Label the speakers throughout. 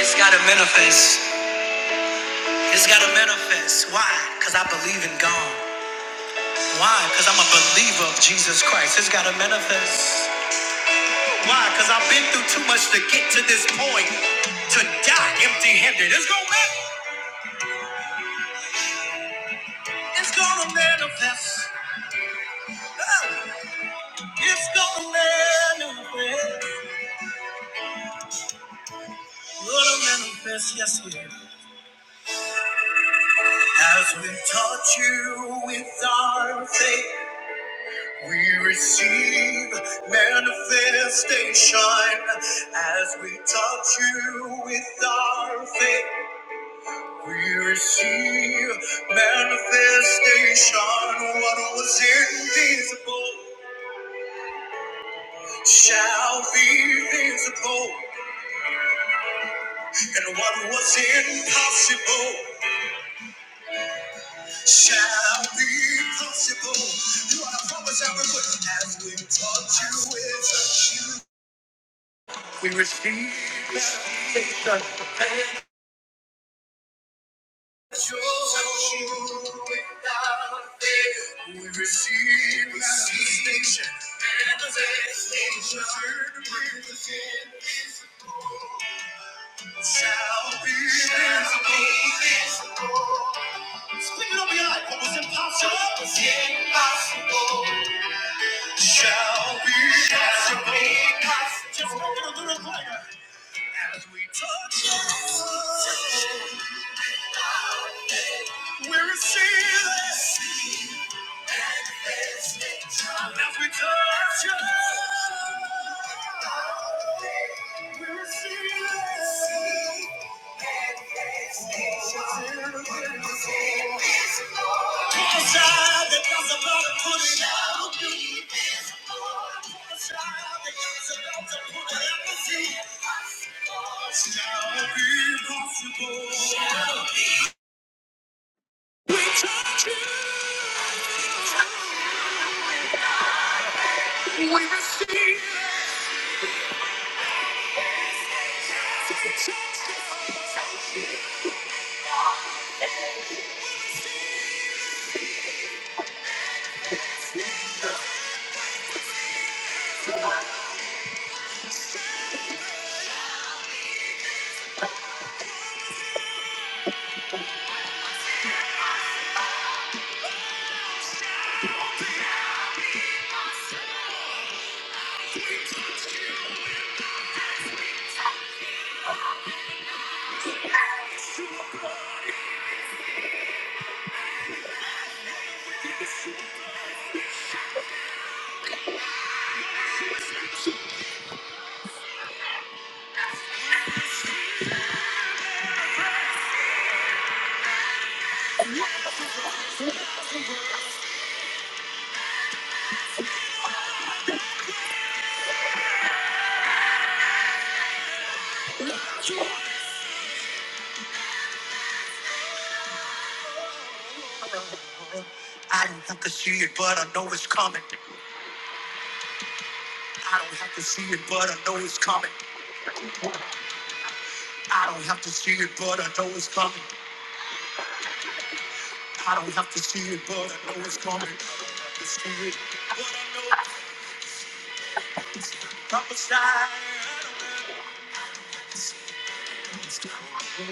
Speaker 1: It's gotta manifest. It's gotta manifest. Why? Because I believe in God. Why? Because I'm a believer of Jesus Christ. It's gotta manifest. Why? Because I've been through too much to get to this point. To die empty handed. It's gonna manifest. It's gonna manifest. Ah, It's gonna manifest. Gonna manifest, yes, it is. As we taught you with our faith. We receive manifestation as we touch you with our faith. We receive manifestation. What was invisible shall be visible, and what was impossible shall be possible. You are the promise I would as we touch you with. our faith, We receive. without fail. We receive manifestation. Manifestation. Shall be. Shall be. Speak it over your life. What was Shall be. Shall be. Just go get a little higher. we touch. We're receiving. As we touch you, we receive it. Prophesy that God's about to put it out of you. Prophesy that God's about to put it out of you. Shall be possible. We receive it. I don't have to see it, but I know it's coming. I don't have to see it, but I know it's coming. I don't have to see it, but I know it's coming. I don't have to see it, but I know it's coming. I don't have to see it, but I know it's coming. What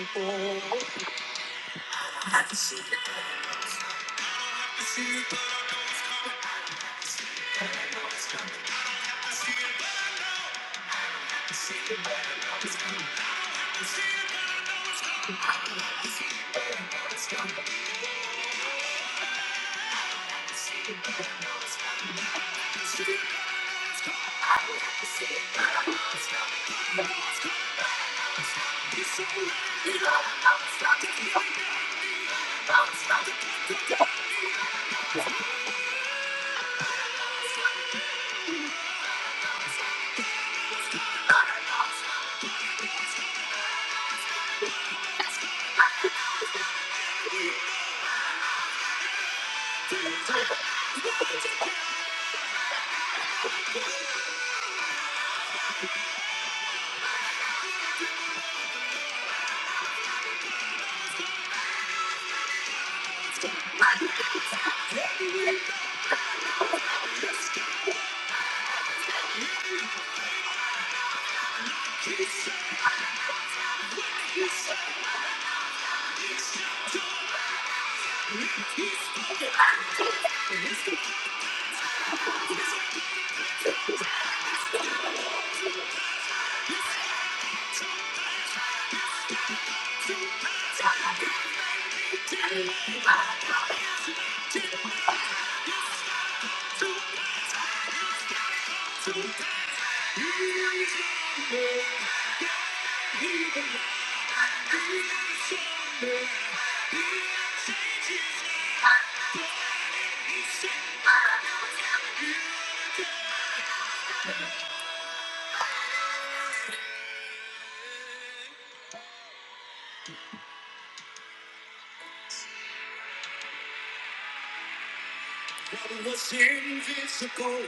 Speaker 1: was invisible?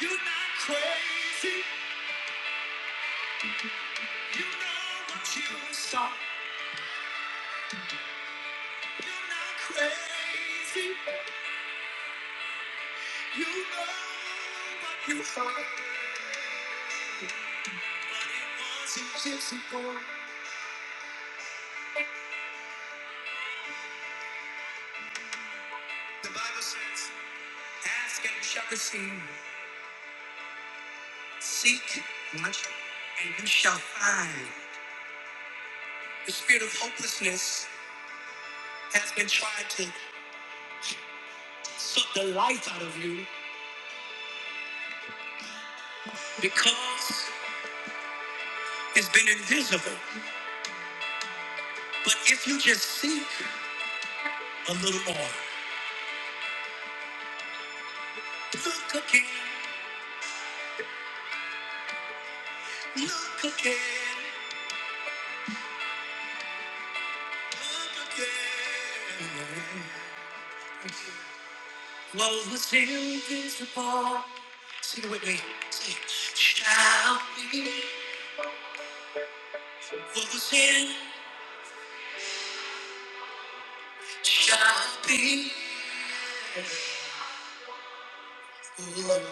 Speaker 1: You're not crazy. You know what you saw. Crazy, you know what you are. But it wasn't just a Ask and you shall receive. Seek much and you shall find. The spirit of hopelessness has been trying to suck the life out of you because it's been invisible. But if you just seek a little more, look again, look again, look again. What was invisible? Sing it with me. Sing. Shall be. What was in shall be. Lord,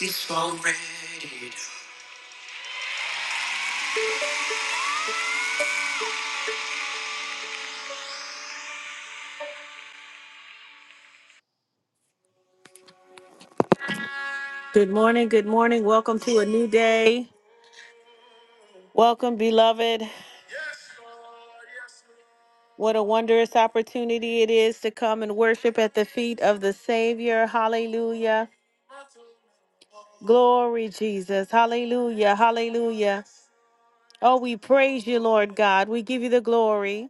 Speaker 1: it's already. Good morning. Good morning. Welcome to a new day. Welcome, beloved. What a wondrous opportunity it is to come and worship at the feet of the Savior. Hallelujah. Glory, Jesus. Hallelujah. Hallelujah. Oh, we praise you, Lord God. We give you the glory.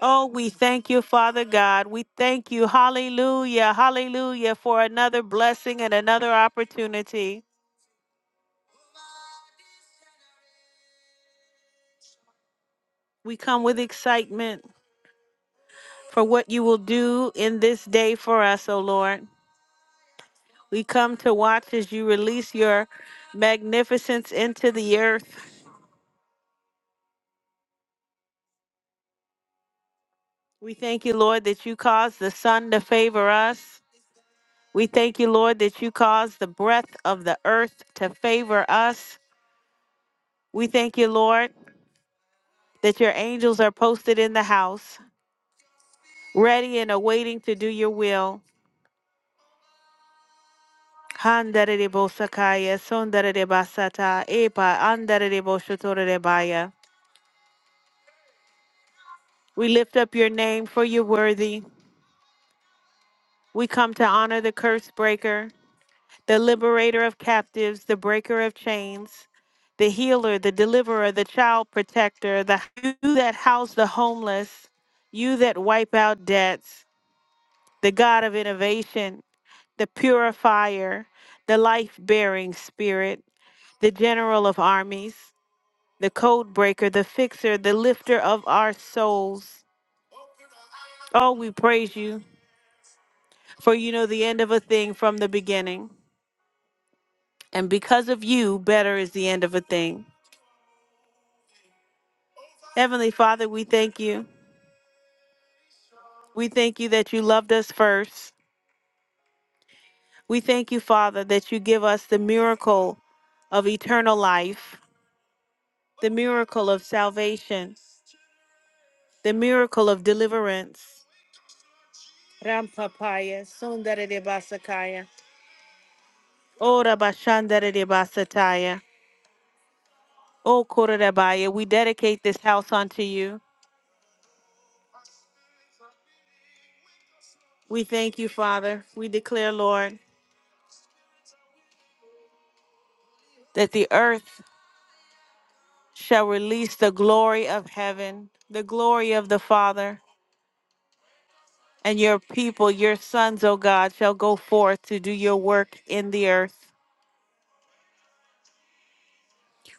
Speaker 1: Oh, we thank you, Father God. We thank you. Hallelujah. Hallelujah for another blessing and another opportunity. We come with excitement for what you will do in this day for us, O Lord. We come to watch as you release your magnificence into the earth. We thank you, Lord, that you cause the sun to favor us. We thank you, Lord, that you cause the breath of the earth to favor us. We thank you, Lord, that your angels are posted in the house, ready and awaiting to do your will. Handarebo sakaya, sondarebo sata, epa, andarebo shotorebaya. We lift up your name for you're worthy. We come to honor the curse breaker, the liberator of captives, the breaker of chains, the healer, the deliverer, the child protector, the you that house the homeless, you that wipe out debts, the God of innovation, the purifier, the life bearing spirit, the general of armies, the code breaker, the fixer, the lifter of our souls. Oh, we praise you, for you know the end of a thing from the beginning. And because of you, better is the end of a thing. Heavenly Father, we thank you. We thank you that you loved us first. We thank you, Father, that you give us the miracle of eternal life, the miracle of salvation, the miracle of deliverance. Rampapaya, Sundari de Basakaya, Ora Bashandari de Basataya, O Korabaya, we dedicate this house unto you. We thank you, Father. We declare, Lord, that the earth shall release the glory of heaven, the glory of the Father, and your people, your sons, O God, shall go forth to do your work in the earth.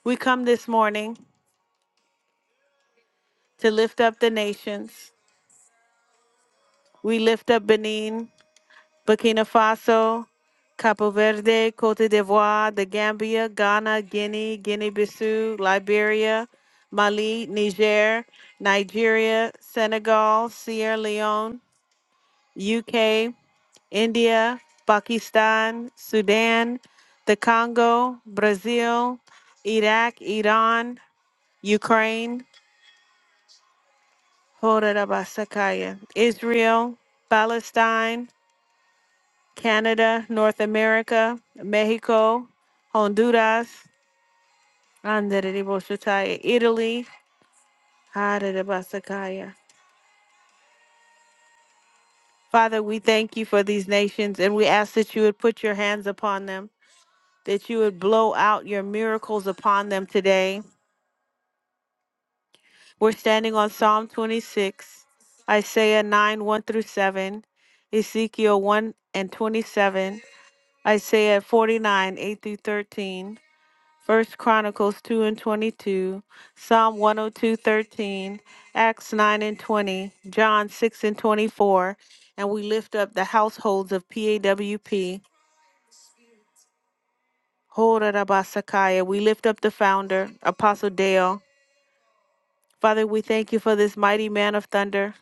Speaker 1: We come this morning to lift up the nations. We lift up Benin. Burkina Faso, Capo Verde, Cote d'Ivoire, the Gambia, Ghana, Guinea, Guinea-Bissau, Liberia, Mali, Niger, Nigeria, Senegal, Sierra Leone, UK, India, Pakistan, Sudan, the Congo, Brazil, Iraq, Iran, Ukraine, Horarabasakaya, Israel, Palestine, Canada, North America, Mexico, Honduras, Andereriboshataya, Italy. Harerebasakaya. Father, we thank you for these nations and we ask that you would put your hands upon them, that you would blow out your miracles upon them today. We're standing on Psalm 26, Isaiah 9 1 through 7, Ezekiel 1 and 27, Isaiah 49 8 through 13. First Chronicles 2 and 22, Psalm 102:13, Acts 9 and 20, John 6 and 24, and we lift up the households of PAWP. Hora Rabba Sakaya. We lift up the founder, Apostle Dale. Father, we thank you for this mighty man of thunder.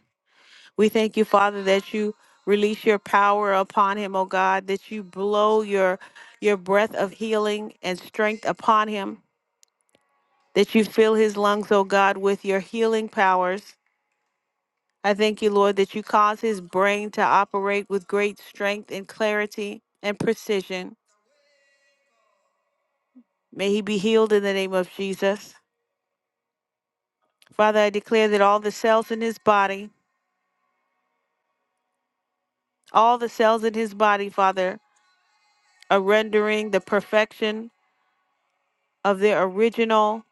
Speaker 1: We thank you, Father, that you release your power upon him, O God, that you blow your your breath of healing and strength upon him. that you fill his lungs, O God, with your healing powers. I thank you, Lord, that you cause his brain to operate with great strength and clarity and precision. May he be healed in the name of Jesus. Father, I declare that all the cells in his body, all the cells in his body, Father, are rendering the perfection of their original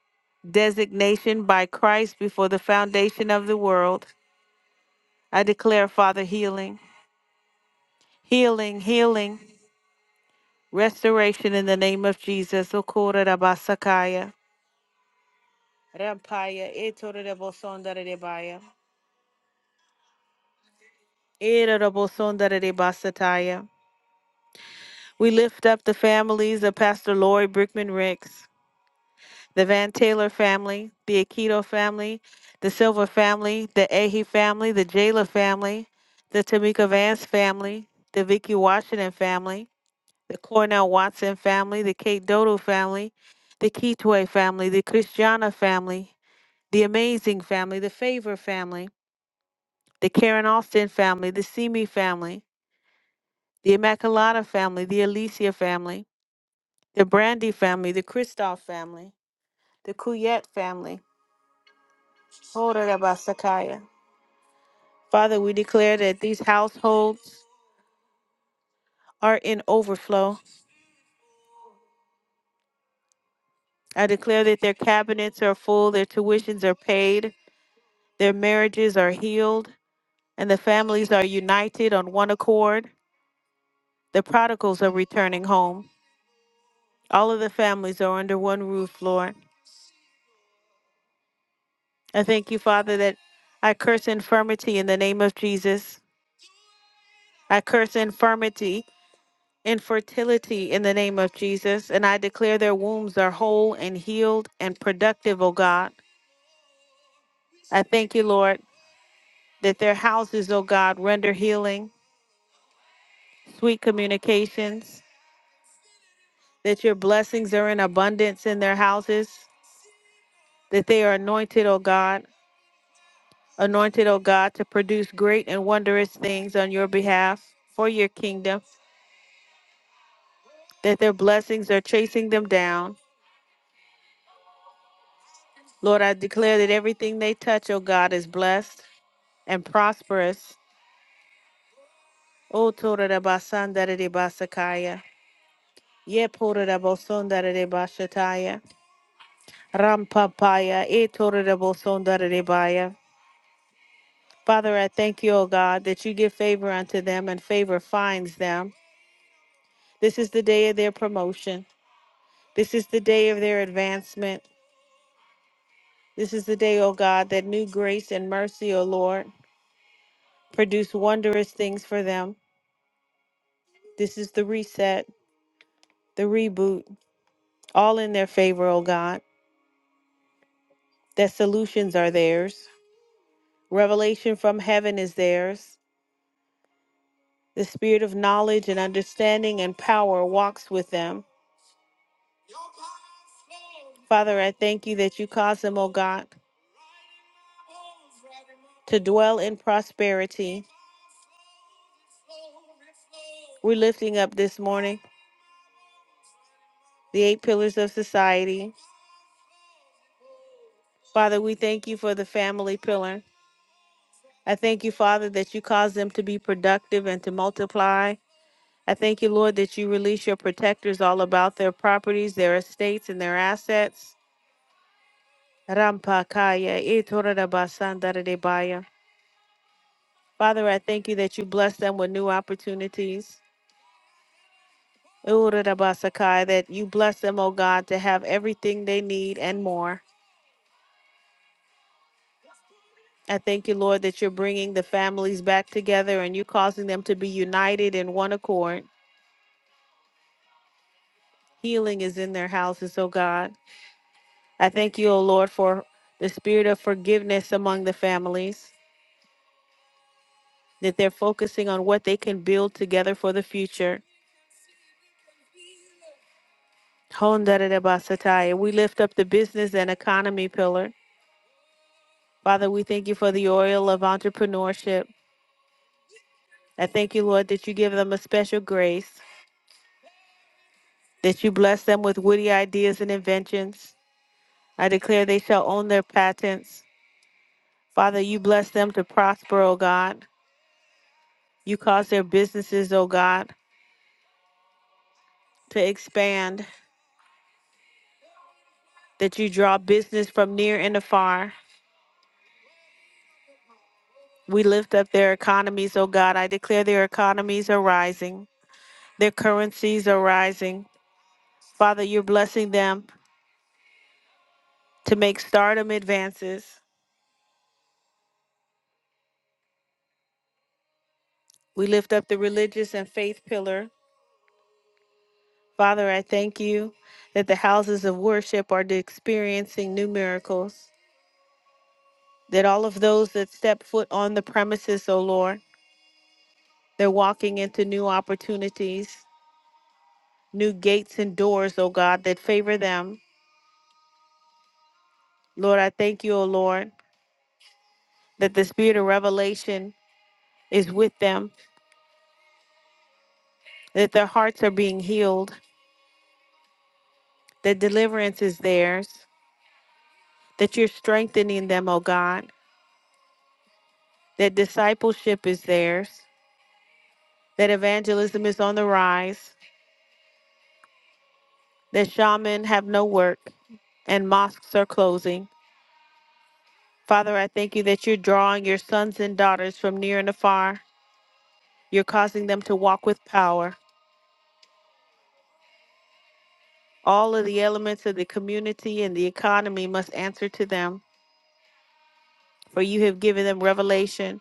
Speaker 1: designation by Christ before the foundation of the world. I declare, Father, healing, healing, healing. Restoration in the name of Jesus. Okora rabasakaya. Rampaya. Etore rabosondare rebaya. Ere rabosondare rebasataya. We lift up the families of Pastor Lori Brickman Ricks, the Van Taylor family, the Aikido family, the Silver family, the Ahe family, the Jayla family, the Tamika Vance family, the Vicky Washington family, the Cornell Watson family, the Kate Dodo family, the Kitwe family, the Christiana family, the Amazing family, the Favor family, the Karen Austin family, the Simi family, the Immaculata family, the Alicia family, the Brandy family, the Kristoff family, the Kuyet family. Horarabasakaya. Father, we declare that these households are in overflow. I declare that their cabinets are full, their tuitions are paid, their marriages are healed, and the families are united on one accord. The prodigals are returning home. All of the families are under one roof, Lord. I thank you, Father, that I curse infirmity in the name of Jesus. I curse infirmity, infertility in the name of Jesus. And I declare their wombs are whole and healed and productive, O God. I thank you, Lord, that their houses, O God, render healing, sweet communications, that your blessings are in abundance in their houses, that they are anointed, O God anointed, O God, to produce great and wondrous things on your behalf for your kingdom, that their blessings are chasing them down. Lord, I declare that everything they touch, O God, is blessed and prosperous. O Tora da Basanda de Basakaya, Ye Pora da Bosonda de Bashataya, Rampapaya, E Tora da Bosonda de Baya. Father, I thank you, O God, that you give favor unto them and favor finds them. This is the day of their promotion. This is the day of their advancement. This is the day, O God, that new grace and mercy, O Lord, produce wondrous things for them. This is the reset, the reboot, all in their favor, O God, that solutions are theirs. Revelation from heaven is theirs. The spirit of knowledge and understanding and power walks with them. Father, I thank you that you cause them, O God, to dwell in prosperity. We're lifting up this morning. the eight pillars of society. Father, we thank you for the family pillar. I thank you, Father, that you cause them to be productive and to multiply. I thank you, Lord, that you release your protectors all about their properties, their estates, and their assets. Rampakaya, itoradabasandararebaya. Father, I thank you that you bless them with new opportunities. Uradabasakaya, That you bless them, O God, to have everything they need and more. I thank you, Lord, that you're bringing the families back together and you're causing them to be united in one accord. Healing is in their houses, oh God. I thank you, oh Lord, for the spirit of forgiveness among the families, that they're focusing on what they can build together for the future. Hondarabasataya. We lift up the business and economy pillar. Father, we thank you for the oil of entrepreneurship. I thank you, Lord, that you give them a special grace, that you bless them with witty ideas and inventions I declare they shall own their patents. Father, you bless them to prosper, O God. You cause their businesses, O God, to expand, that you draw business from near and afar. We lift up their economies, O God. I declare their economies are rising, their currencies are rising. Father, you're blessing them to make stardom advances. We lift up the religious and faith pillar. Father, I thank you that the houses of worship are experiencing new miracles. that all of those that step foot on the premises, O Lord, they're walking into new opportunities, new gates and doors, O God, that favor them. Lord, I thank you, O Lord, that the spirit of revelation is with them, that their hearts are being healed, that deliverance is theirs, that you're strengthening them, O God, that discipleship is theirs, that evangelism is on the rise, that shaman have no work, and mosques are closing. Father, I thank you that you're drawing your sons and daughters from near and afar. You're causing them to walk with power. All of the elements of the community and the economy must answer to them, for you have given them revelation.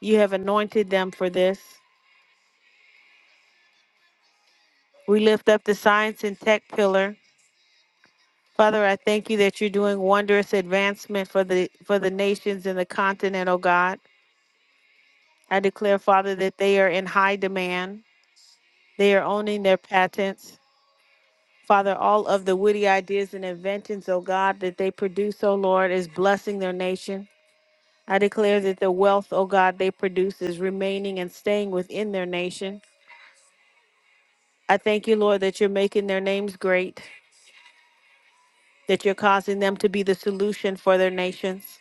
Speaker 1: You have anointed them for this. We lift up the science and tech pillar. Father, I thank you that you're doing wondrous advancement for the for the nations and the continent, oh God. I declare, Father, that they are in high demand. They are owning their patents. Father, all of the witty ideas and inventions, O God, that they produce, O Lord, is blessing their nation. I declare that the wealth, O God, they produce is remaining and staying within their nation. I thank you, Lord, that you're making their names great, that you're causing them to be the solution for their nations,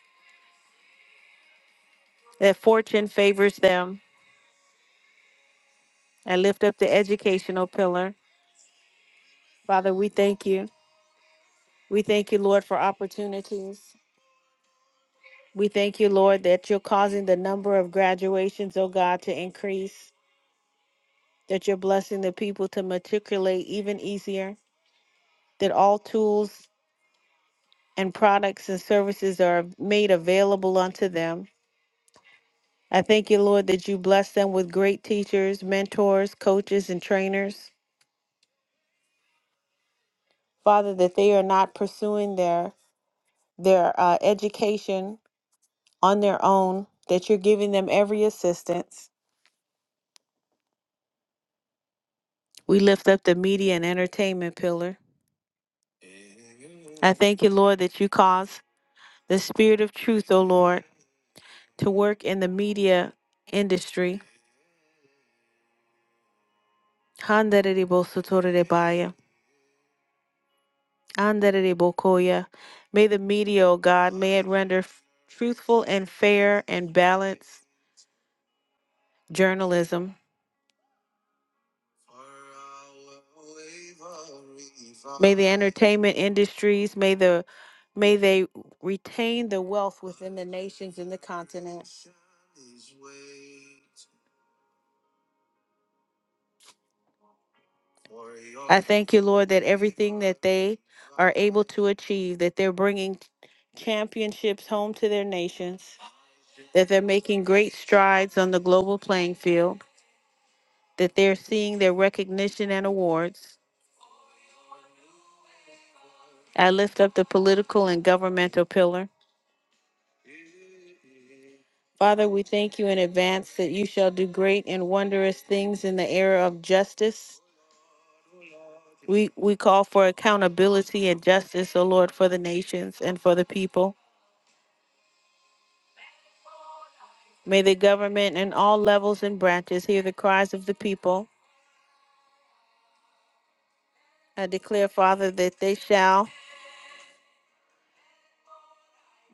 Speaker 1: that fortune favors them. I lift up the educational pillar. Father, we thank you. We thank you, Lord, for opportunities. We thank you, Lord, that you're causing the number of graduations, O God, to increase. that you're blessing the people to matriculate even easier, that all tools and products and services are made available unto them. I thank you, Lord, that you bless them with great teachers, mentors, coaches, and trainers. Father, that they are not pursuing their their uh, education on their own, that you're giving them every assistance. We lift up the media and entertainment pillar. I thank you, Lord, that you cause the spirit of truth, O Lord, to work in the media industry. Handerebo sotorebaya, handerebo koya. May the media, O God, may it render f- truthful and fair and balanced journalism. May the entertainment industries, may the may they retain the wealth within the nations and the continent. I thank you, Lord, that everything that they are able to achieve, that they're bringing championships home to their nations, that they're making great strides on the global playing field, that they're seeing their recognition and awards. I lift up the political and governmental pillar. Father, we thank you in advance that you shall do great and wondrous things in the era of justice. We, we call for accountability and justice, O Lord, for the nations and for the people. May the government and all levels and branches hear the cries of the people. I declare, Father, that they shall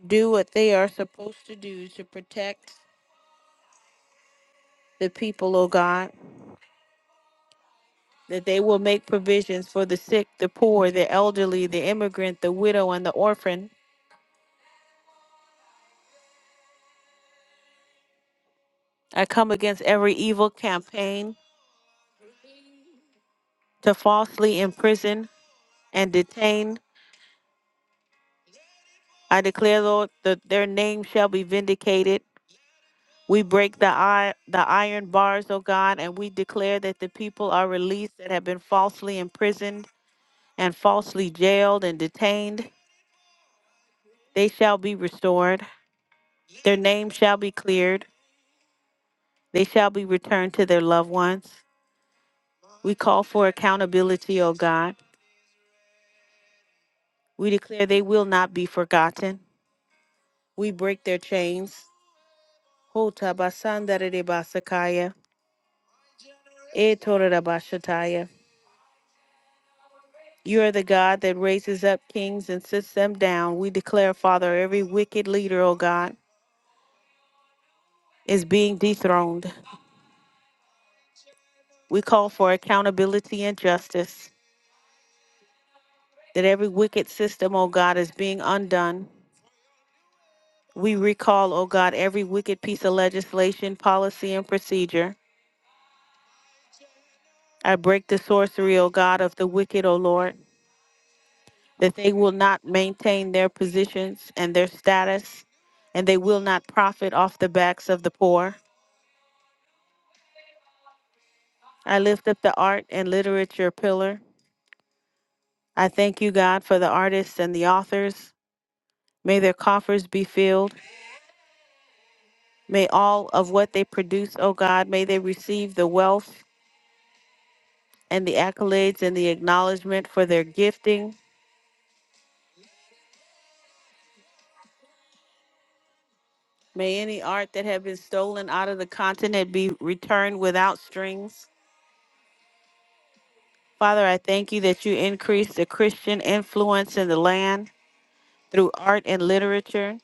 Speaker 1: do what they are supposed to do to protect the people, O God, that they will make provisions for the sick, the poor, the elderly, the immigrant, the widow, and the orphan. I come against every evil campaign to falsely imprison and detain. I declare, Lord, that their name shall be vindicated We break the, i- the iron bars, O God, and we declare that the people are released that have been falsely imprisoned and falsely jailed and detained. They shall be restored. Their name shall be cleared. They shall be returned to their loved ones. We call for accountability, O God. We declare they will not be forgotten. We break their chains. Ho tabasandaridibasakaya, etorerabashataya. You are the God that raises up kings and sits them down. We declare, Father, every wicked leader, O God, is being dethroned. We call for accountability and justice, that every wicked system, O God, is being undone. We recall, O God, every wicked piece of legislation, policy, and procedure. I break the sorcery, O God, of the wicked, O Lord, that they will not maintain their positions and their status, and they will not profit off the backs of the poor. I lift up the art and literature pillar. I thank you, God, for the artists and the authors. May their coffers be filled. May all of what they produce, O God, may they receive the wealth and the accolades and the acknowledgement for their gifting. May any art that have been stolen out of the continent be returned without strings. Father, I thank you that you increase the Christian influence in the land through art and literature.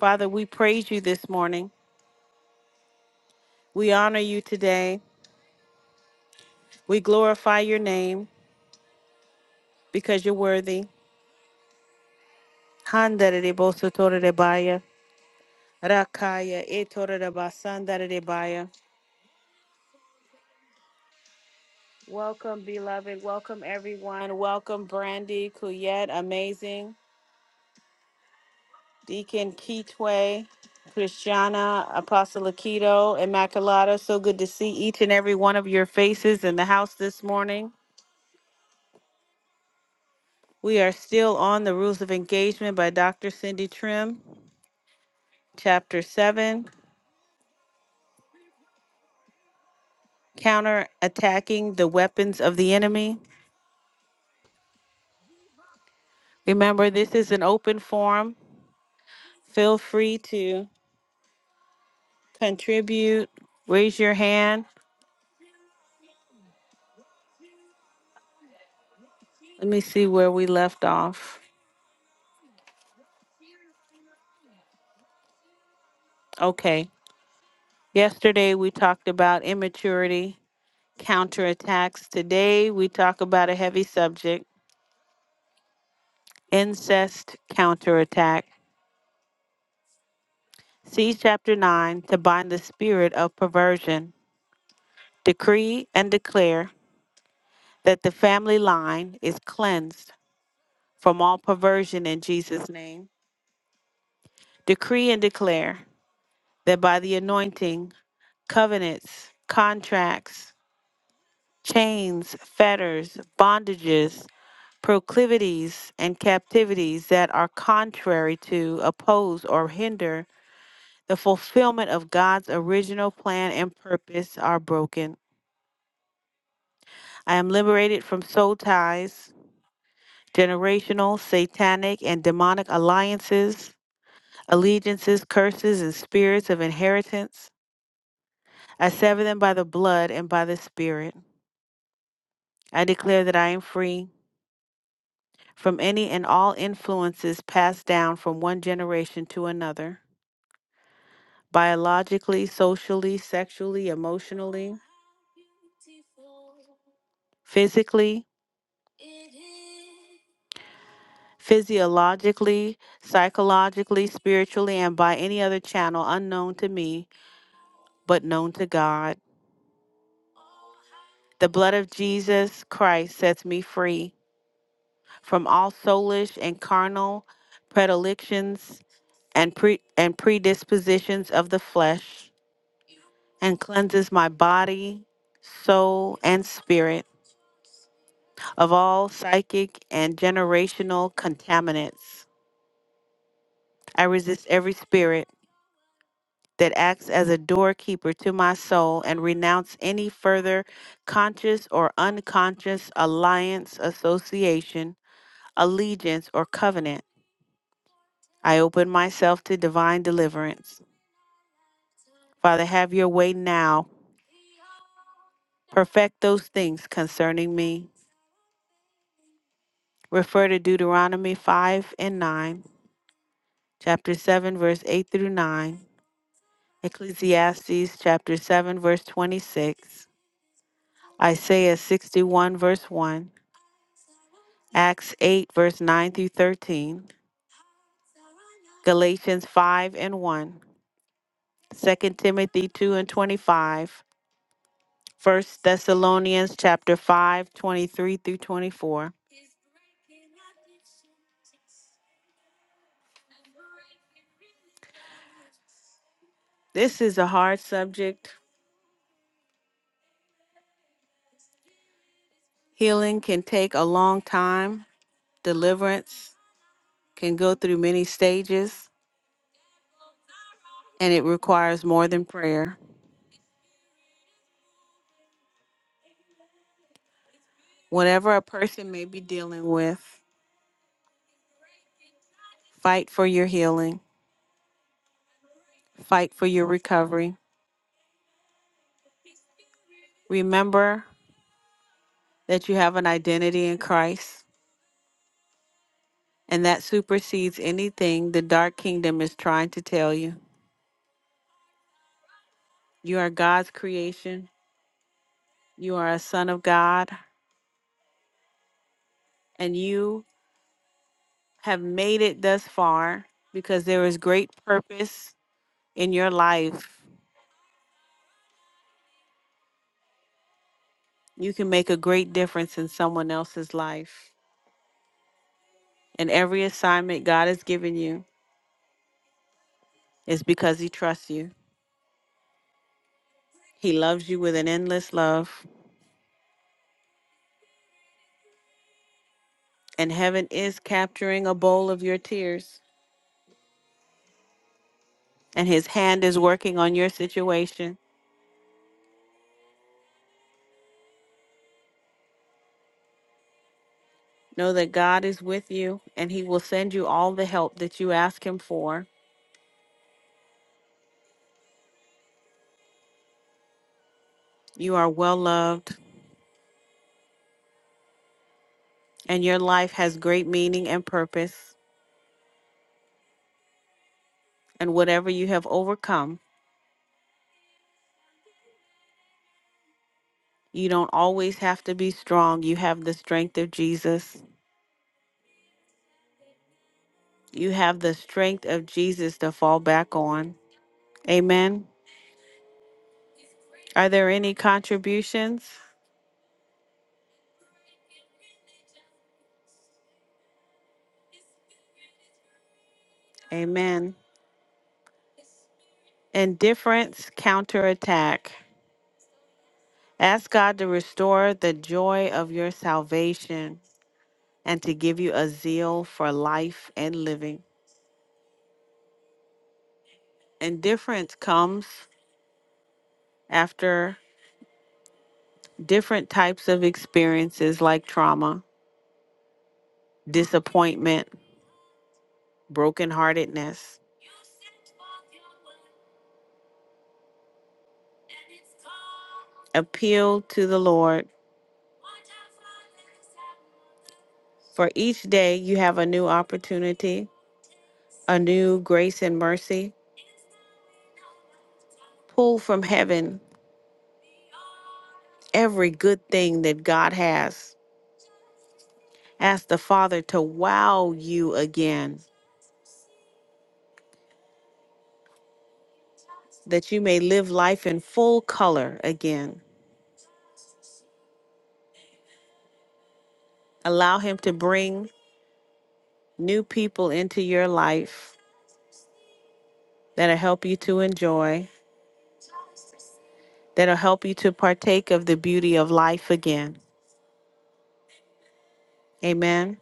Speaker 1: Father, we praise you this morning. We honor you today. We glorify your name because you're worthy. Handere de boso tore de baya. Rakaya e tore de basandere de baya. Welcome, beloved. Welcome, everyone. Welcome, Brandy, Kuyet, amazing. Deacon Kitwe, Christiana, Apostle Akito, Immaculata. So good to see each and every one of your faces in the house this morning. We are still on the Rules of Engagement by Dr. Cindy Trim, Chapter 7. counter attacking the weapons of the enemy. Remember, this is an open forum. Feel free to contribute, raise your hand. Let me see where we left off. Okay. Yesterday we talked about immaturity, counterattacks. Today we talk about a heavy subject, incest counterattack. See chapter 9 to bind the spirit of perversion. Decree and declare that the family line is cleansed from all perversion in Jesus' name. Decree and declare that by the anointing, covenants, contracts, chains, fetters, bondages, proclivities, and captivities that are contrary to, oppose, or hinder the fulfillment of God's original plan and purpose are broken. I am liberated from soul ties, generational, satanic, and demonic alliances allegiances, curses, and spirits of inheritance. I sever them by the blood and by the Spirit. I declare that I am free from any and all influences passed down from one generation to another, biologically, socially, sexually, emotionally, physically, physiologically, psychologically, spiritually, and by any other channel unknown to me but known to God. The blood of Jesus Christ sets me free. from all soulish and carnal predilections and pre- and predispositions of the flesh and cleanses my body, soul, and spirit of all psychic and generational contaminants. I resist every spirit that acts as a doorkeeper to my soul and renounce any further conscious or unconscious alliance, association, allegiance, or covenant. I open myself to divine deliverance. Father, have your way now. Perfect those things concerning me. Refer to Deuteronomy 5 and 9, chapter 7, verse 8 through 9, Ecclesiastes chapter 7, verse 26, Isaiah 61, verse 1, Acts 8, verse 9 through 13, Galatians 5 and 1, 2 Timothy 2 and 25, 1 Thessalonians chapter 5, 23 through 24. This is a hard subject Healing can take a long time, deliverance can go through many stages, and it requires more than prayer. Whatever a person may be dealing with, fight for your healing, fight for your recovery. Remember that you have an identity in Christ, and that supersedes anything the dark kingdom is trying to tell you. You are God's creation, you are a son of God, and you have made it thus far because there is great purpose in your life, you can make a great difference in someone else's life. And every assignment God has given you is because He trusts you. He loves you with an endless love. And heaven is capturing a bowl of your tears, and His hand is working on your situation. Know that God is with you, and He will send you all the help that you ask Him for. You are well loved, and your life has great meaning and purpose. And whatever you have overcome, You don't always have to be strong. You have the strength of Jesus. You have the strength of Jesus to fall back on. Amen. Are there any contributions? Amen. Indifference counterattack. Ask God to restore the joy of your salvation and to give you a zeal for life and living. Indifference comes after different types of experiences like trauma, disappointment, brokenheartedness. Appeal to the Lord. For each day you have a new opportunity, a new grace and mercy. Pull from heaven every good thing that God has. Ask the Father to wow you again, that you may live life in full color again. Allow Him to bring new people into your life that'll help you to enjoy. that'll help you to partake of the beauty of life again. Amen.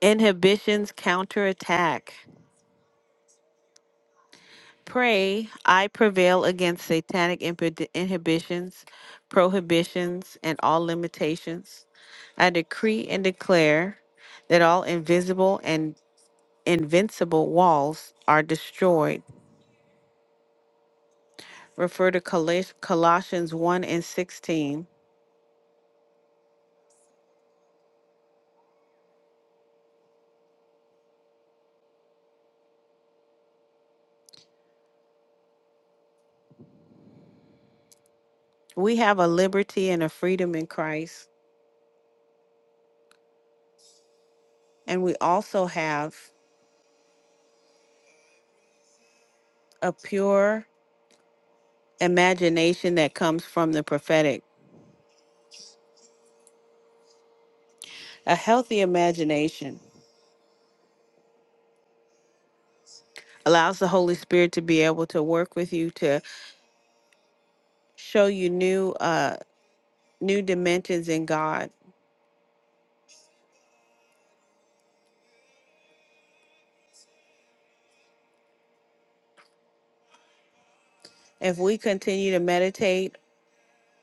Speaker 1: Inhibitions counterattack. Pray, I prevail against satanic impi- inhibitions, prohibitions, and all limitations. I decree and declare that all invisible and invincible walls are destroyed. Refer to Coloss- Colossians 1 and 16. We have a liberty and a freedom in Christ, and we also have a pure imagination that comes from the prophetic. A healthy imagination allows the Holy Spirit to be able to work with you to show you new uh new dimensions in God. If we continue to meditate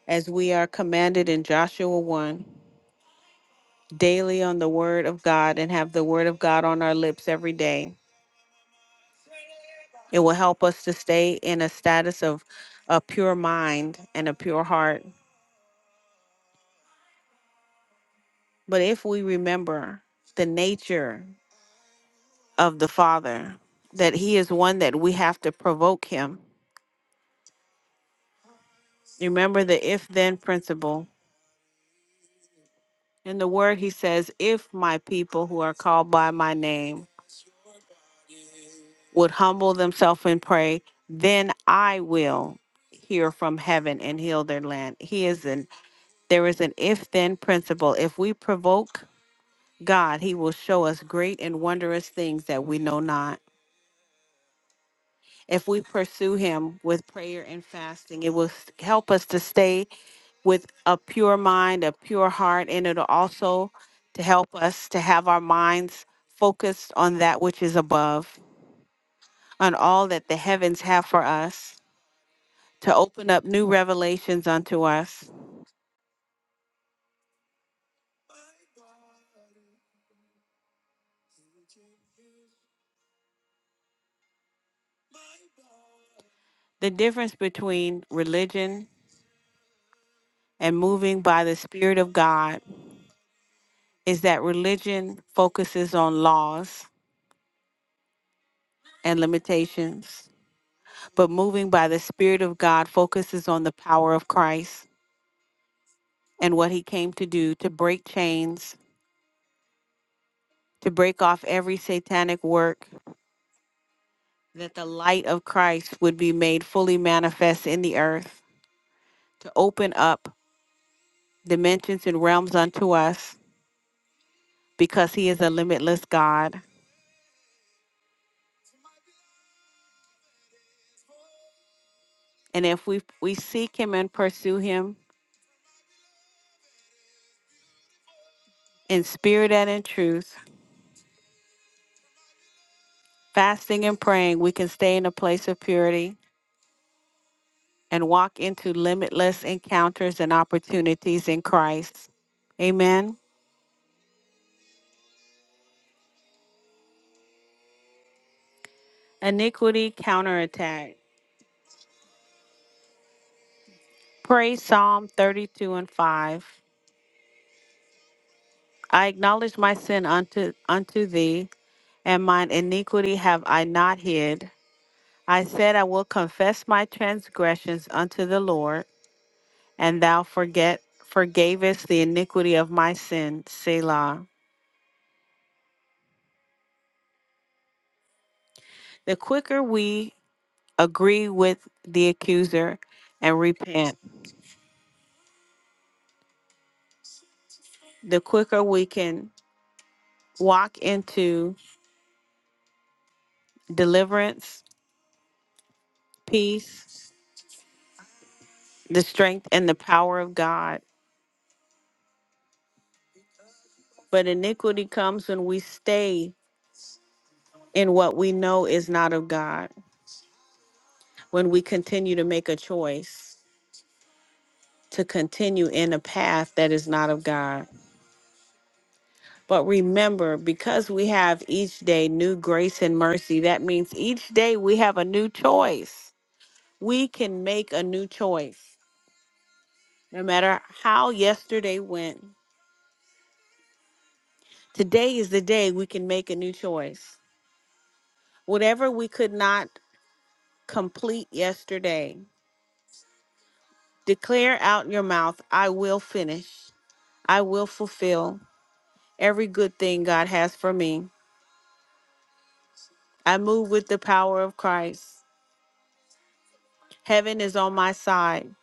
Speaker 1: as we are commanded in Joshua 1 daily on the word of God and have the word of God on our lips every day, it will help us to stay in a status of a pure mind and a pure heart. But if we remember the nature of the Father, that He is one that we have to provoke Him. Remember the if then principle. In the Word, He says, If my people who are called by my name would humble themselves and pray, then I will hear from heaven and heal their land. He is an there is an if then principle. If we provoke God, He will show us great and wondrous things that we know not. If we pursue Him with prayer and fasting, it will s- help us to stay with a pure mind, a pure heart, and it'll also to help us to have our minds focused on that which is above, on all that the heavens have for us, to open up new revelations unto us. The difference between religion and moving by the Spirit of God is that religion focuses on laws and limitations, but moving by the Spirit of God focuses on the power of Christ and what he came to do to break chains, to break off every satanic work, that the light of Christ would be made fully manifest in the earth, to open up dimensions and realms unto us, because he is a limitless God. And if we, we seek him and pursue him in spirit and in truth, fasting and praying, we can stay in a place of purity and walk into limitless encounters and opportunities in Christ. Amen. Iniquity counterattack. Pray Psalm 32 and 5. I acknowledge my sin unto, unto thee, and mine iniquity have I not hid. I said, I will confess my transgressions unto the Lord, and thou forget forgavest the iniquity of my sin. Selah. The quicker we agree with the accuser and repent, the quicker we can walk into deliverance, peace, the strength, and the power of God. But iniquity comes when we stay in what we know is not of God, when we continue to make a choice to continue in a path that is not of God. But remember, because we have each day new grace and mercy, that means each day we have a new choice. We can make a new choice. No matter how yesterday went, Today is the day we can make a new choice. Whatever we could not complete yesterday, declare out your mouth, I will finish. I will fulfill every good thing God has for me. I move with the power of Christ. Heaven is on my side.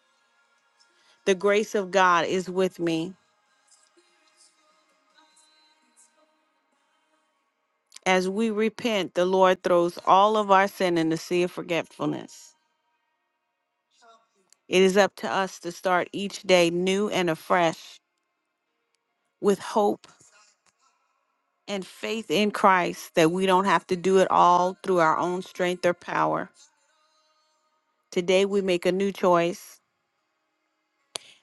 Speaker 1: The grace of God is with me. As we repent, the Lord throws all of our sin in the sea of forgetfulness. It is up to us to start each day new and afresh with hope and faith in Christ that we don't have to do it all through our own strength or power. Today we make a new choice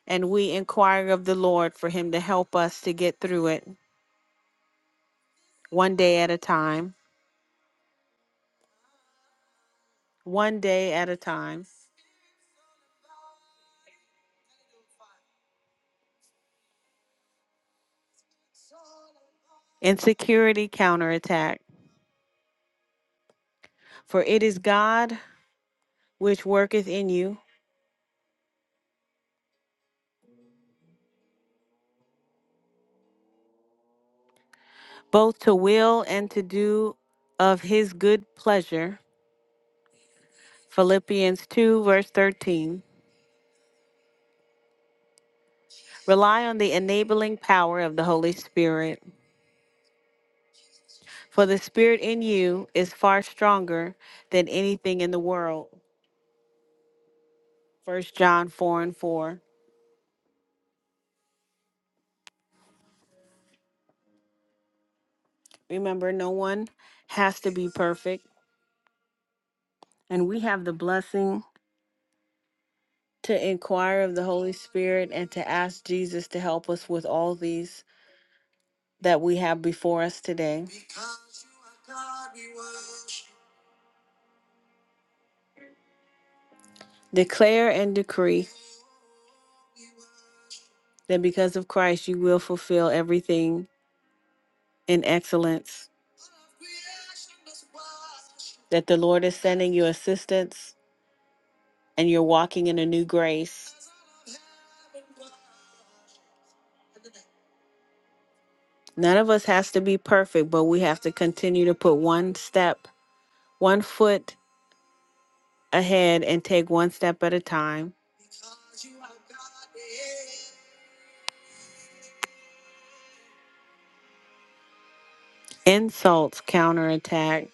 Speaker 1: and we inquire of the Lord for Him to help us to get through it one day at a time, one day at a time. Insecurity counterattack. For it is God which worketh in you, both to will and to do of His good pleasure. Philippians 2, verse 13. Rely on the enabling power of the Holy Spirit. For the spirit in you is far stronger than anything in the world. First John 4 and 4. Remember, no one has to be perfect, and we have the blessing to inquire of the Holy Spirit and to ask Jesus to help us with all these that we have before us today. Declare and decree that because of Christ, you will fulfill everything in excellence. that the Lord is sending you assistance and you're walking in a new grace. None of us has to be perfect, but we have to continue to put one step, one foot ahead and take one step at a time. Insults counterattack.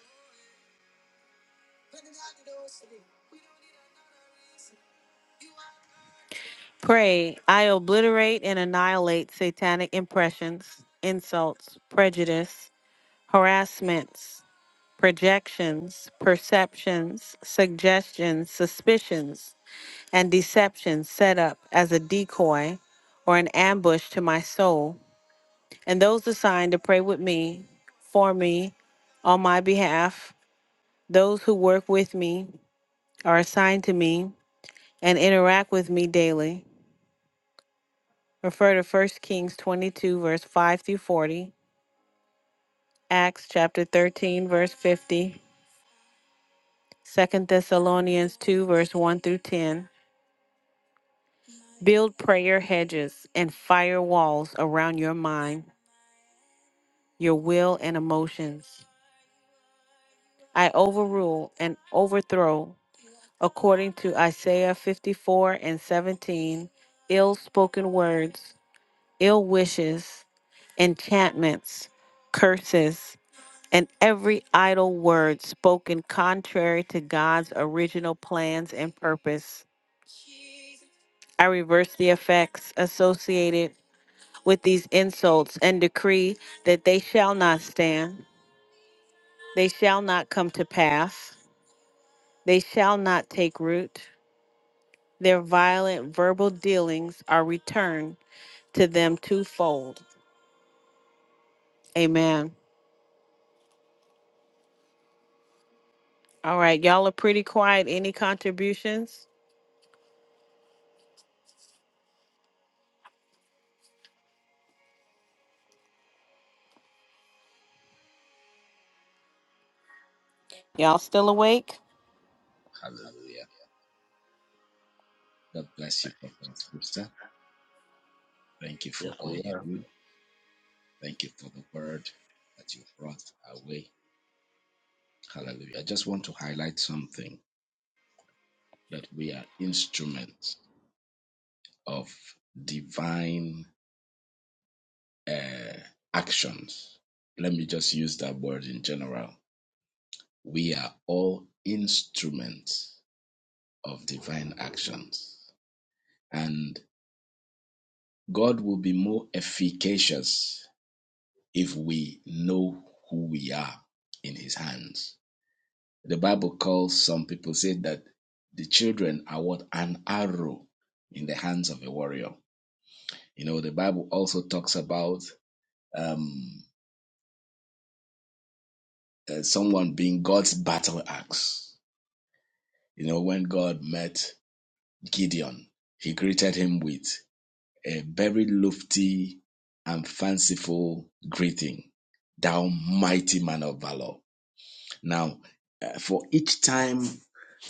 Speaker 1: Pray, I obliterate and annihilate satanic impressions, insults, prejudice, harassments, projections, perceptions, suggestions, suspicions, and deceptions set up as a decoy or an ambush to my soul, and those assigned to pray with me, for me, on my behalf, those who work with me, are assigned to me, and interact with me daily. Refer to 1 Kings 22, verse 5 through 40, Acts chapter 13, verse 50, 2 Thessalonians 2, verse 1 through 10. Build prayer hedges and firewalls around your mind, your will, and emotions. I overrule and overthrow, according to Isaiah 54 and 17, ill spoken words, ill wishes, enchantments, curses. and every idle word spoken contrary to God's original plans and purpose. I reverse the effects associated with these insults and decree that they shall not stand, they shall not come to pass, they shall not take root. Their violent verbal dealings are returned to them twofold. Amen. All right, y'all are pretty quiet. Any contributions? Y'all still awake?
Speaker 2: Hallelujah. God bless you, Prophet and Sister. Thank you
Speaker 3: Yes,
Speaker 2: for all
Speaker 3: we
Speaker 2: you
Speaker 3: are.
Speaker 2: do. Thank you for the word that you brought away. Hallelujah. I just want to highlight something that we are instruments of divine uh, actions. Let me just use that word in general. We are all instruments of divine actions, and God will be more efficacious if we know who we are in his hands. The Bible calls some people said that the children are what an arrow in the hands of a warrior. You know, the Bible also talks about um, uh, someone being God's battle axe. You know, when God met Gideon, he greeted him with a very lofty and fanciful greeting, thou mighty man of valor. Now, uh, for each time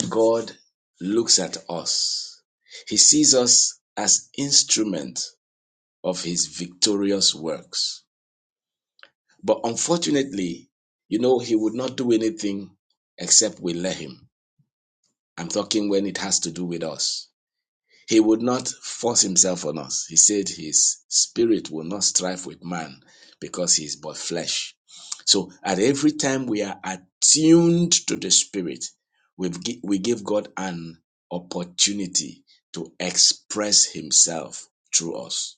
Speaker 2: God looks at us, He sees us as instrument of His victorious works. But unfortunately, you know, He would not do anything except we let Him. I'm talking when it has to do with us. He would not force himself on us. He said his spirit will not strive with man because he is but flesh. So at every time we are attuned to the spirit, we've, gi- we give God an opportunity to express himself through us.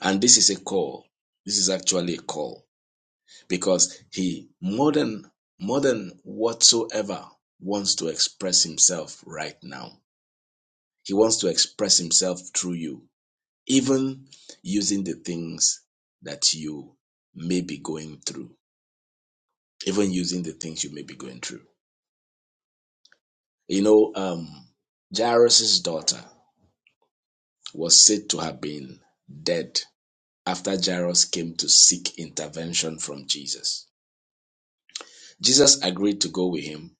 Speaker 2: And this is a call. This is actually a call because he more than more than whatsoever wants to express himself right now. He wants to express himself through you. even using the things that you may be going through, even using the things you may be going through. You know, um, Jairus' daughter was said to have been dead after Jairus came to seek intervention from Jesus. Jesus agreed to go with him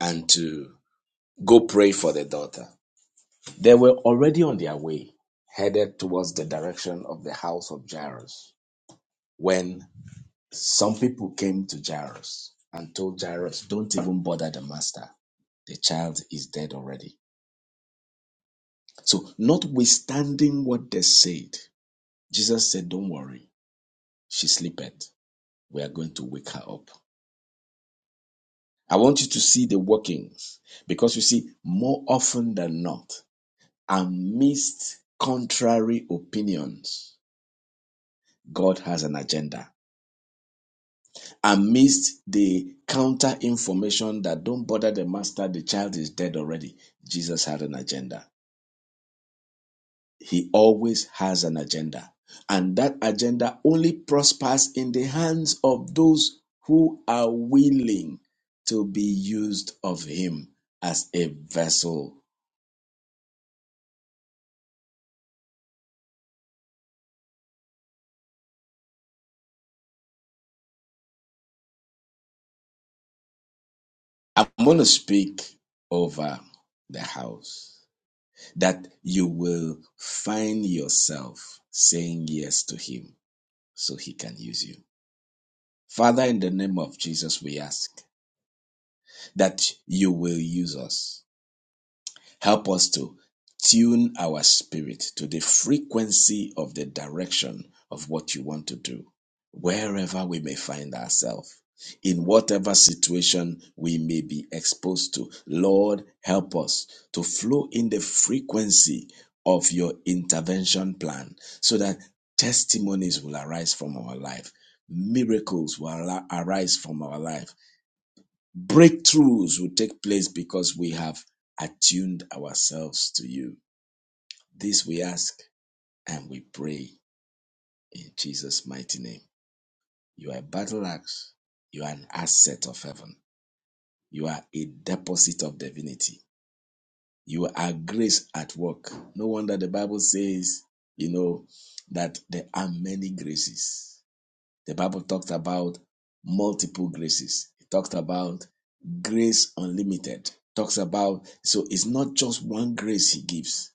Speaker 2: and to go pray for the daughter. They were already on their way, headed towards the direction of the house of Jairus, when Some people came to Jairus and told Jairus, don't even bother the master. The child is dead already. So, notwithstanding what they said, Jesus said, don't worry. She sleepeth. We are going to wake her up. I want you to see the workings because you see, more often than not, amidst contrary opinions, God has an agenda. amidst the counter information that don't bother the master, the child is dead already. Jesus had an agenda. He always has an agenda. And that agenda only prospers in the hands of those who are willing to be used of Him as a vessel. I'm going to speak over the house that you will find yourself saying yes to Him so He can use you. Father, in the name of Jesus, we ask that you will use us. Help us to tune our spirit to the frequency of the direction of what you want to do, wherever we may find ourselves, in whatever situation we may be exposed to. Lord, help us to flow in the frequency of your intervention plan so that testimonies will arise from our life miracles will ala- arise from our life Breakthroughs will take place because we have attuned ourselves to you. This we ask and we pray in Jesus' mighty name. You are a battle axe. You are an asset of heaven. You are a deposit of divinity. You are grace at work. No wonder the Bible says, you know, that there are many graces. The Bible talks about multiple graces. It talks about grace unlimited. It Talks about so it's not just one grace he gives.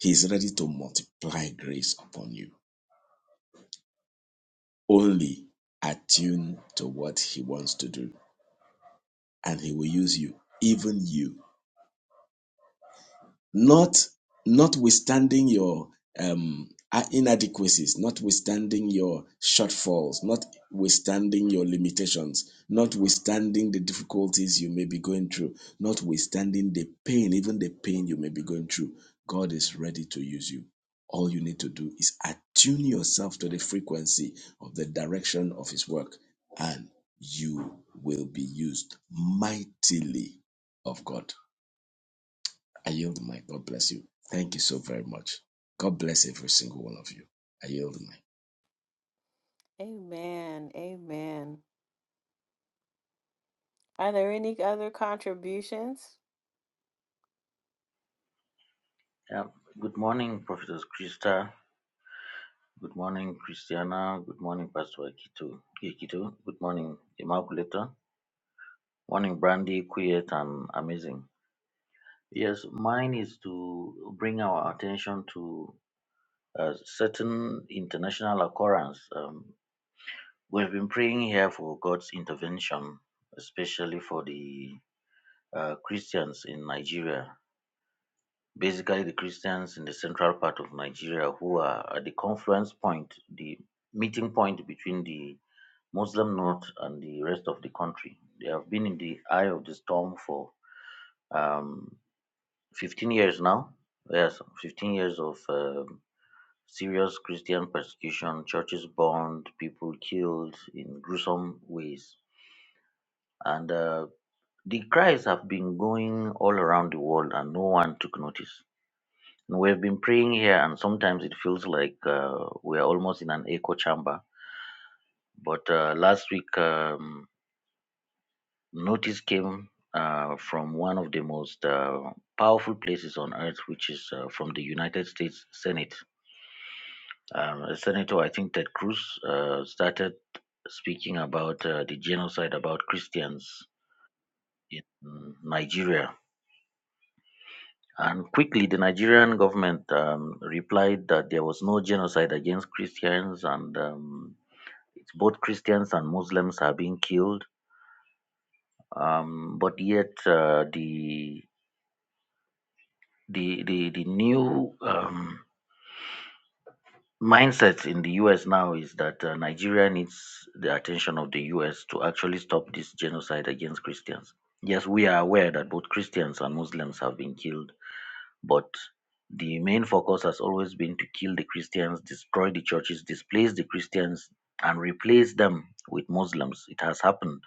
Speaker 2: He is ready to multiply grace upon you. Only attune to what he wants to do. And he will use you, even you. not notwithstanding your um uh, inadequacies notwithstanding your shortfalls notwithstanding your limitations notwithstanding the difficulties you may be going through notwithstanding the pain even the pain you may be going through god is ready to use you all you need to do is attune yourself to the frequency of the direction of his work and you will be used mightily of god I yield the mic. God bless you. Thank you so very much. God bless every single one of you. I yield the mic.
Speaker 1: Amen. Amen. Are there any other contributions?
Speaker 3: Yeah. Good morning, Prophetess Krista. Good morning, Christiana. Good morning, Pastor Akitu. Ikitu. Good morning, Immaculata. Morning, Brandy, Quiet, and Amazing. Yes, mine is to bring our attention to a certain international occurrence. Um, we've been praying here for God's intervention, especially for the uh, Christians in Nigeria. basically the Christians in the central part of Nigeria who are at the confluence point, the meeting point between the Muslim north and the rest of the country. They have been in the eye of the storm for um, 15 years now. Yes, 15 years of um serious Christian persecution, churches burned, people killed in gruesome ways. And uh, the cries have been going all around the world, and no one took notice And we've been praying here, and sometimes it feels like uh, we're almost in an echo chamber. But uh, last week, um, notice came uh, from one of the most uh, powerful places on earth, which is uh, from the United States Senate. Um, Senator, I think Ted Cruz uh, started speaking about uh, the genocide about Christians in Nigeria. And quickly, the Nigerian government um, replied that there was no genocide against Christians and um, It's both Christians and Muslims are being killed, um, but yet uh, the the the the new um, mindset in the U.S. now is that uh, Nigeria needs the attention of the U.S. to actually stop this genocide against Christians. Yes, we are aware that both Christians and Muslims have been killed But the main focus has always been to kill the Christians, destroy the churches, displace the Christians, and replace them with Muslims. It has happened.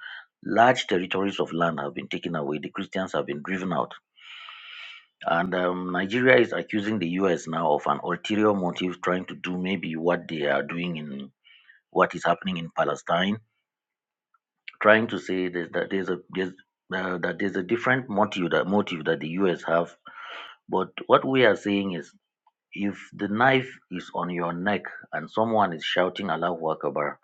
Speaker 3: Large territories of land have been taken away. The Christians have been driven out. And um, Nigeria is accusing the US now of an ulterior motive, trying to do maybe what they are doing in what is happening in Palestine, trying to say there's, that there's a there's, uh, that there's a different motive that motive that the US have. But what we are saying is If the knife is on your neck and someone is shouting Allahu Akbar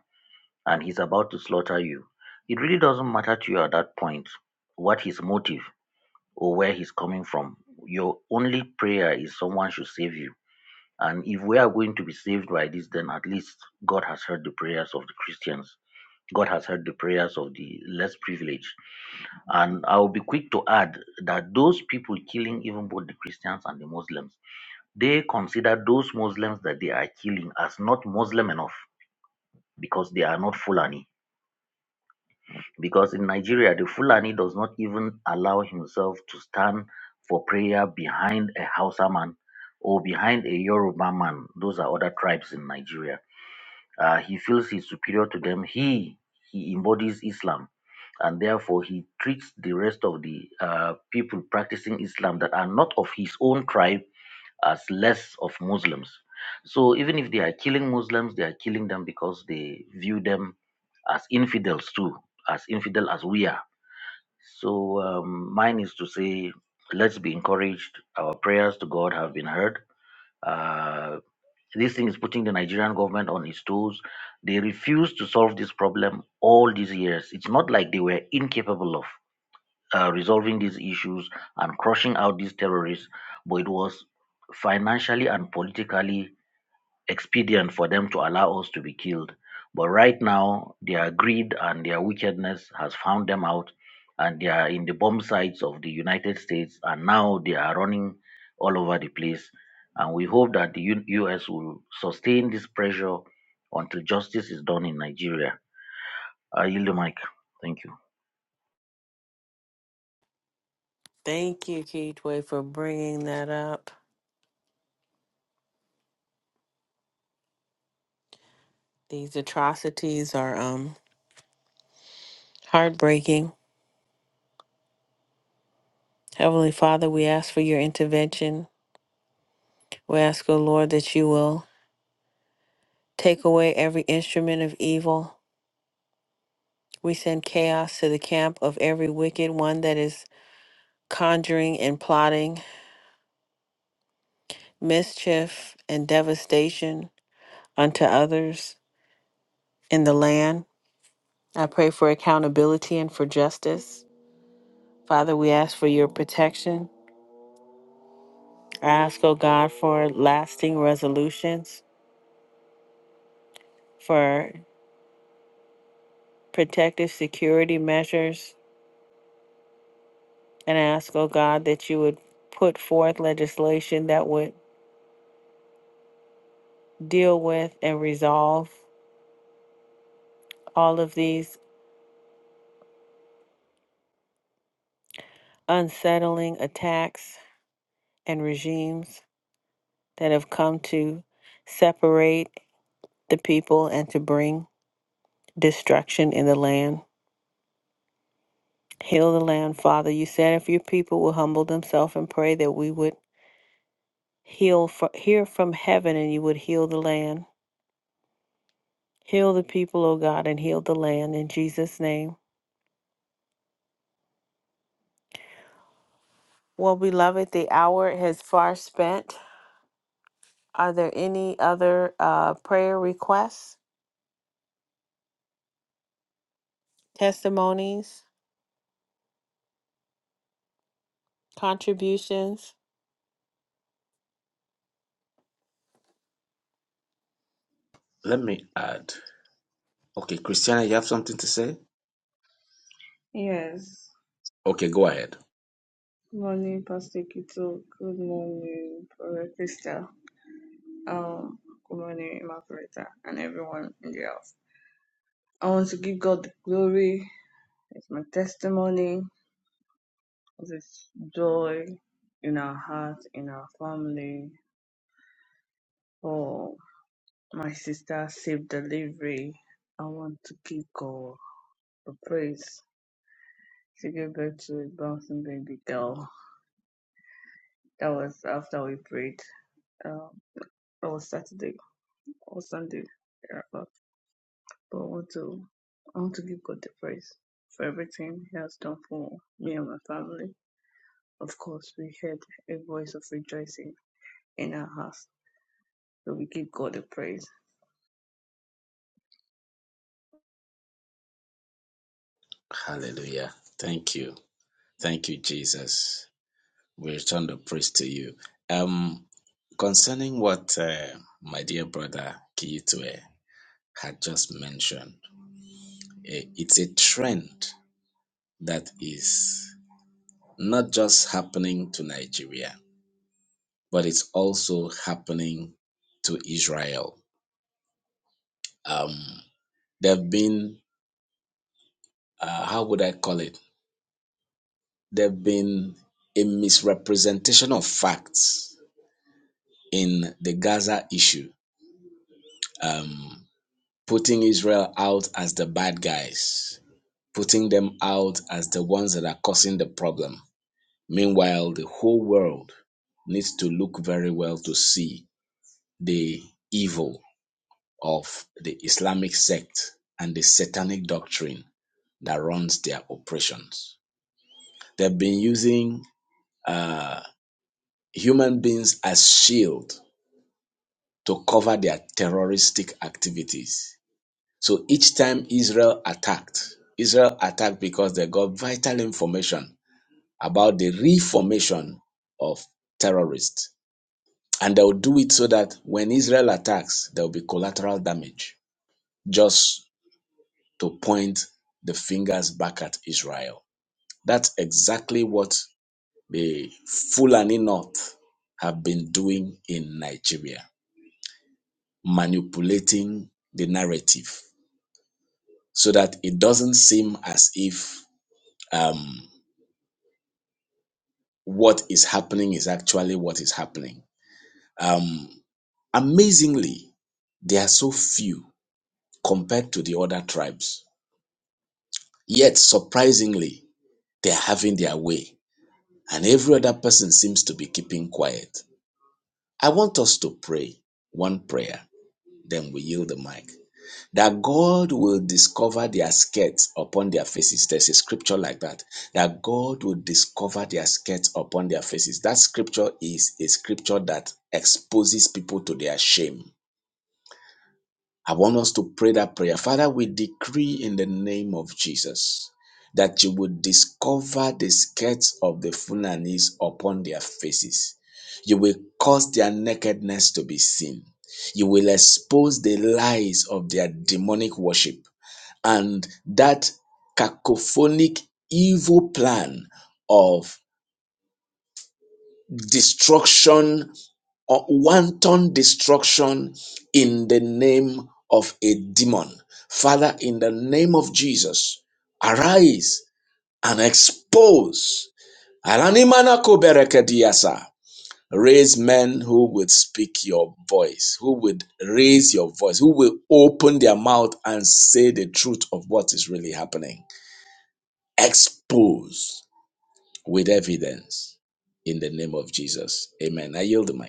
Speaker 3: and he's about to slaughter you, it really doesn't matter to you at that point what his motive or where he's coming from. Your only prayer is someone should save you. And if we are going to be saved by this, then at least God has heard the prayers of the Christians. God has heard the prayers of the less privileged. And I'll be quick to add that those people killing even both the Christians and the Muslims they consider those Muslims that they are killing as not Muslim enough because they are not Fulani. Because in Nigeria, the Fulani does not even allow himself to stand for prayer behind a Hausa man or behind a Yoruba man. Those are other tribes in Nigeria. Uh, he feels he's superior to them. He he embodies Islam, and therefore he treats the rest of the uh, people practicing Islam that are not of his own tribe as less of Muslims. So even if they are killing Muslims, they are killing them because they view them as infidels too, as infidel as we are. So um, mine is to say, let's be encouraged. Our prayers to God have been heard. Uh, this thing is putting the Nigerian government on its toes. They refuse to solve this problem all these years. It's not like they were incapable of uh, resolving these issues and crushing out these terrorists, but it was financially and politically expedient for them to allow us to be killed. But right now, their greed and their wickedness has found them out, and they are in the bomb sites of the United States, and now they are running all over the place. And we hope that the U- U.S. will sustain this pressure until justice is done in Nigeria. I yield the mic. Thank
Speaker 1: Thank you, Keithway, for bringing that up. These atrocities are um, heartbreaking. Heavenly Father, we ask for your intervention. We ask, O Lord, that you will take away every instrument of evil. We send chaos to the camp of every wicked one that is conjuring and plotting mischief and devastation unto others in the land. I pray for accountability and for justice. Father, we ask for your protection. I ask, oh God, for lasting resolutions, for protective security measures. And I ask, oh God, that you would put forth legislation that would deal with and resolve all of these unsettling attacks and regimes that have come to separate the people and to bring destruction in the land. Heal the land, Father. You said if your people will humble themselves and pray that we would heal fro- hear from heaven and you would heal the land. Heal the people, O God, and heal the land in Jesus' name. Well, beloved, the hour has far spent. Are there any other uh, prayer requests, testimonies, contributions?
Speaker 2: Let me add. Okay, Christiana, you have something to say?
Speaker 4: Yes.
Speaker 2: Okay, go ahead.
Speaker 4: Morning, Pastor Kito. Good morning, Brother Krista. Um, good morning, Margareta, and everyone in the house. I want to give God the glory. It's my testimony of His joy in our heart, in our family, for my sister safe delivery. I want to give God the praise. She gave birth to a bouncing baby girl. That was after we prayed. Um, that was Saturday or Sunday thereabout. But I want to I want to give God the praise for everything He has done for me and my family. Of course, we heard a voice of rejoicing in our house, so we give God the praise.
Speaker 2: Hallelujah. Thank you. Thank you, Jesus. We return the praise to you. Um, concerning what uh, my dear brother Kiyitwe had just mentioned, eh, it's a trend that is not just happening to Nigeria. but it's also happening to Israel. Um, there have been, uh, how would I call it? There have been a misrepresentation of facts in the Gaza issue, um, putting Israel out as the bad guys, putting them out as the ones that are causing the problem. Meanwhile, the whole world needs to look very well to see the evil of the Islamic sect and the satanic doctrine that runs their operations. They've been using uh, human beings as shield to cover their terroristic activities. So each time Israel attacked, Israel attacked because they got vital information about the reformation of terrorists. And they'll do it so that when Israel attacks, there'll be collateral damage. Just to point the fingers back at Israel. That's exactly what the Fulani North have been doing in Nigeria, manipulating the narrative so that it doesn't seem as if um, what is happening is actually what is happening. Um, amazingly, they are so few compared to the other tribes. Yet, surprisingly, they are having their way, and every other person seems to be keeping quiet. I want us to pray one prayer, then we yield the mic. That God will discover their skirts upon their faces. There's a scripture like that. That God will discover their skirts upon their faces. That scripture is a scripture that exposes people to their shame. I want us to pray that prayer. Father, we decree in the name of Jesus that you would discover the skirts of the Funanis upon their faces. You will cause their nakedness to be seen. You will expose the lies of their demonic worship and that cacophonic evil plan of destruction or wanton destruction in the name of a demon. Father, in the name of Jesus, arise and expose. Aranimana koberekediasa. Raise men who would speak your voice, who would raise your voice, who will open their mouth and say the truth of what is really happening. Expose with evidence in the name of Jesus. Amen. I yield the mic.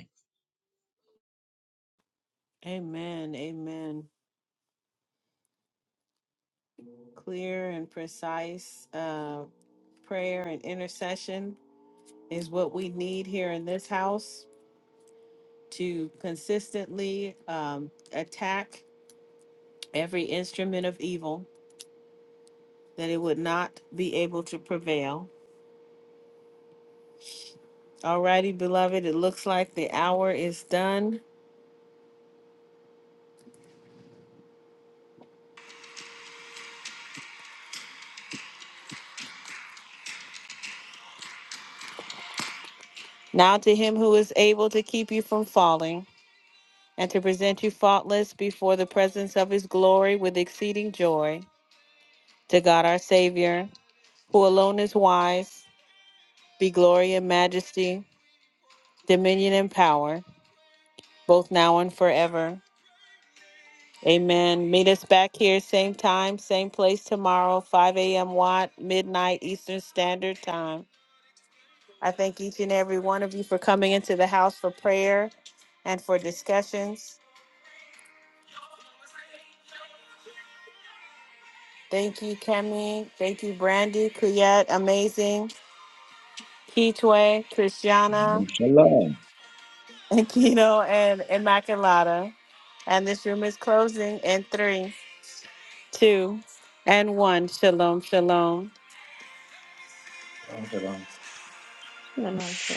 Speaker 1: Amen. Amen. Clear and precise uh, prayer and intercession is what we need here in this house to consistently um, attack every instrument of evil that it would not be able to prevail. Alrighty, beloved, it looks like the hour is done. Now to him who is able to keep you from falling and to present you faultless before the presence of his glory with exceeding joy, to God our Savior, who alone is wise, be glory and majesty, dominion and power, both now and forever. Amen. Meet us back here, same time, same place tomorrow, 5 a.m. Watt, midnight Eastern Standard Time. I thank each and every one of you for coming into the house for prayer and for discussions. Thank you, Kemi. Thank you, Brandy, Kuyet, Amazing, Kitwe, Christiana,
Speaker 2: Shalom.
Speaker 1: and Kino, and Immaculata. And this room is closing in three, two, and one. Shalom, shalom.
Speaker 3: you.
Speaker 5: In the mighty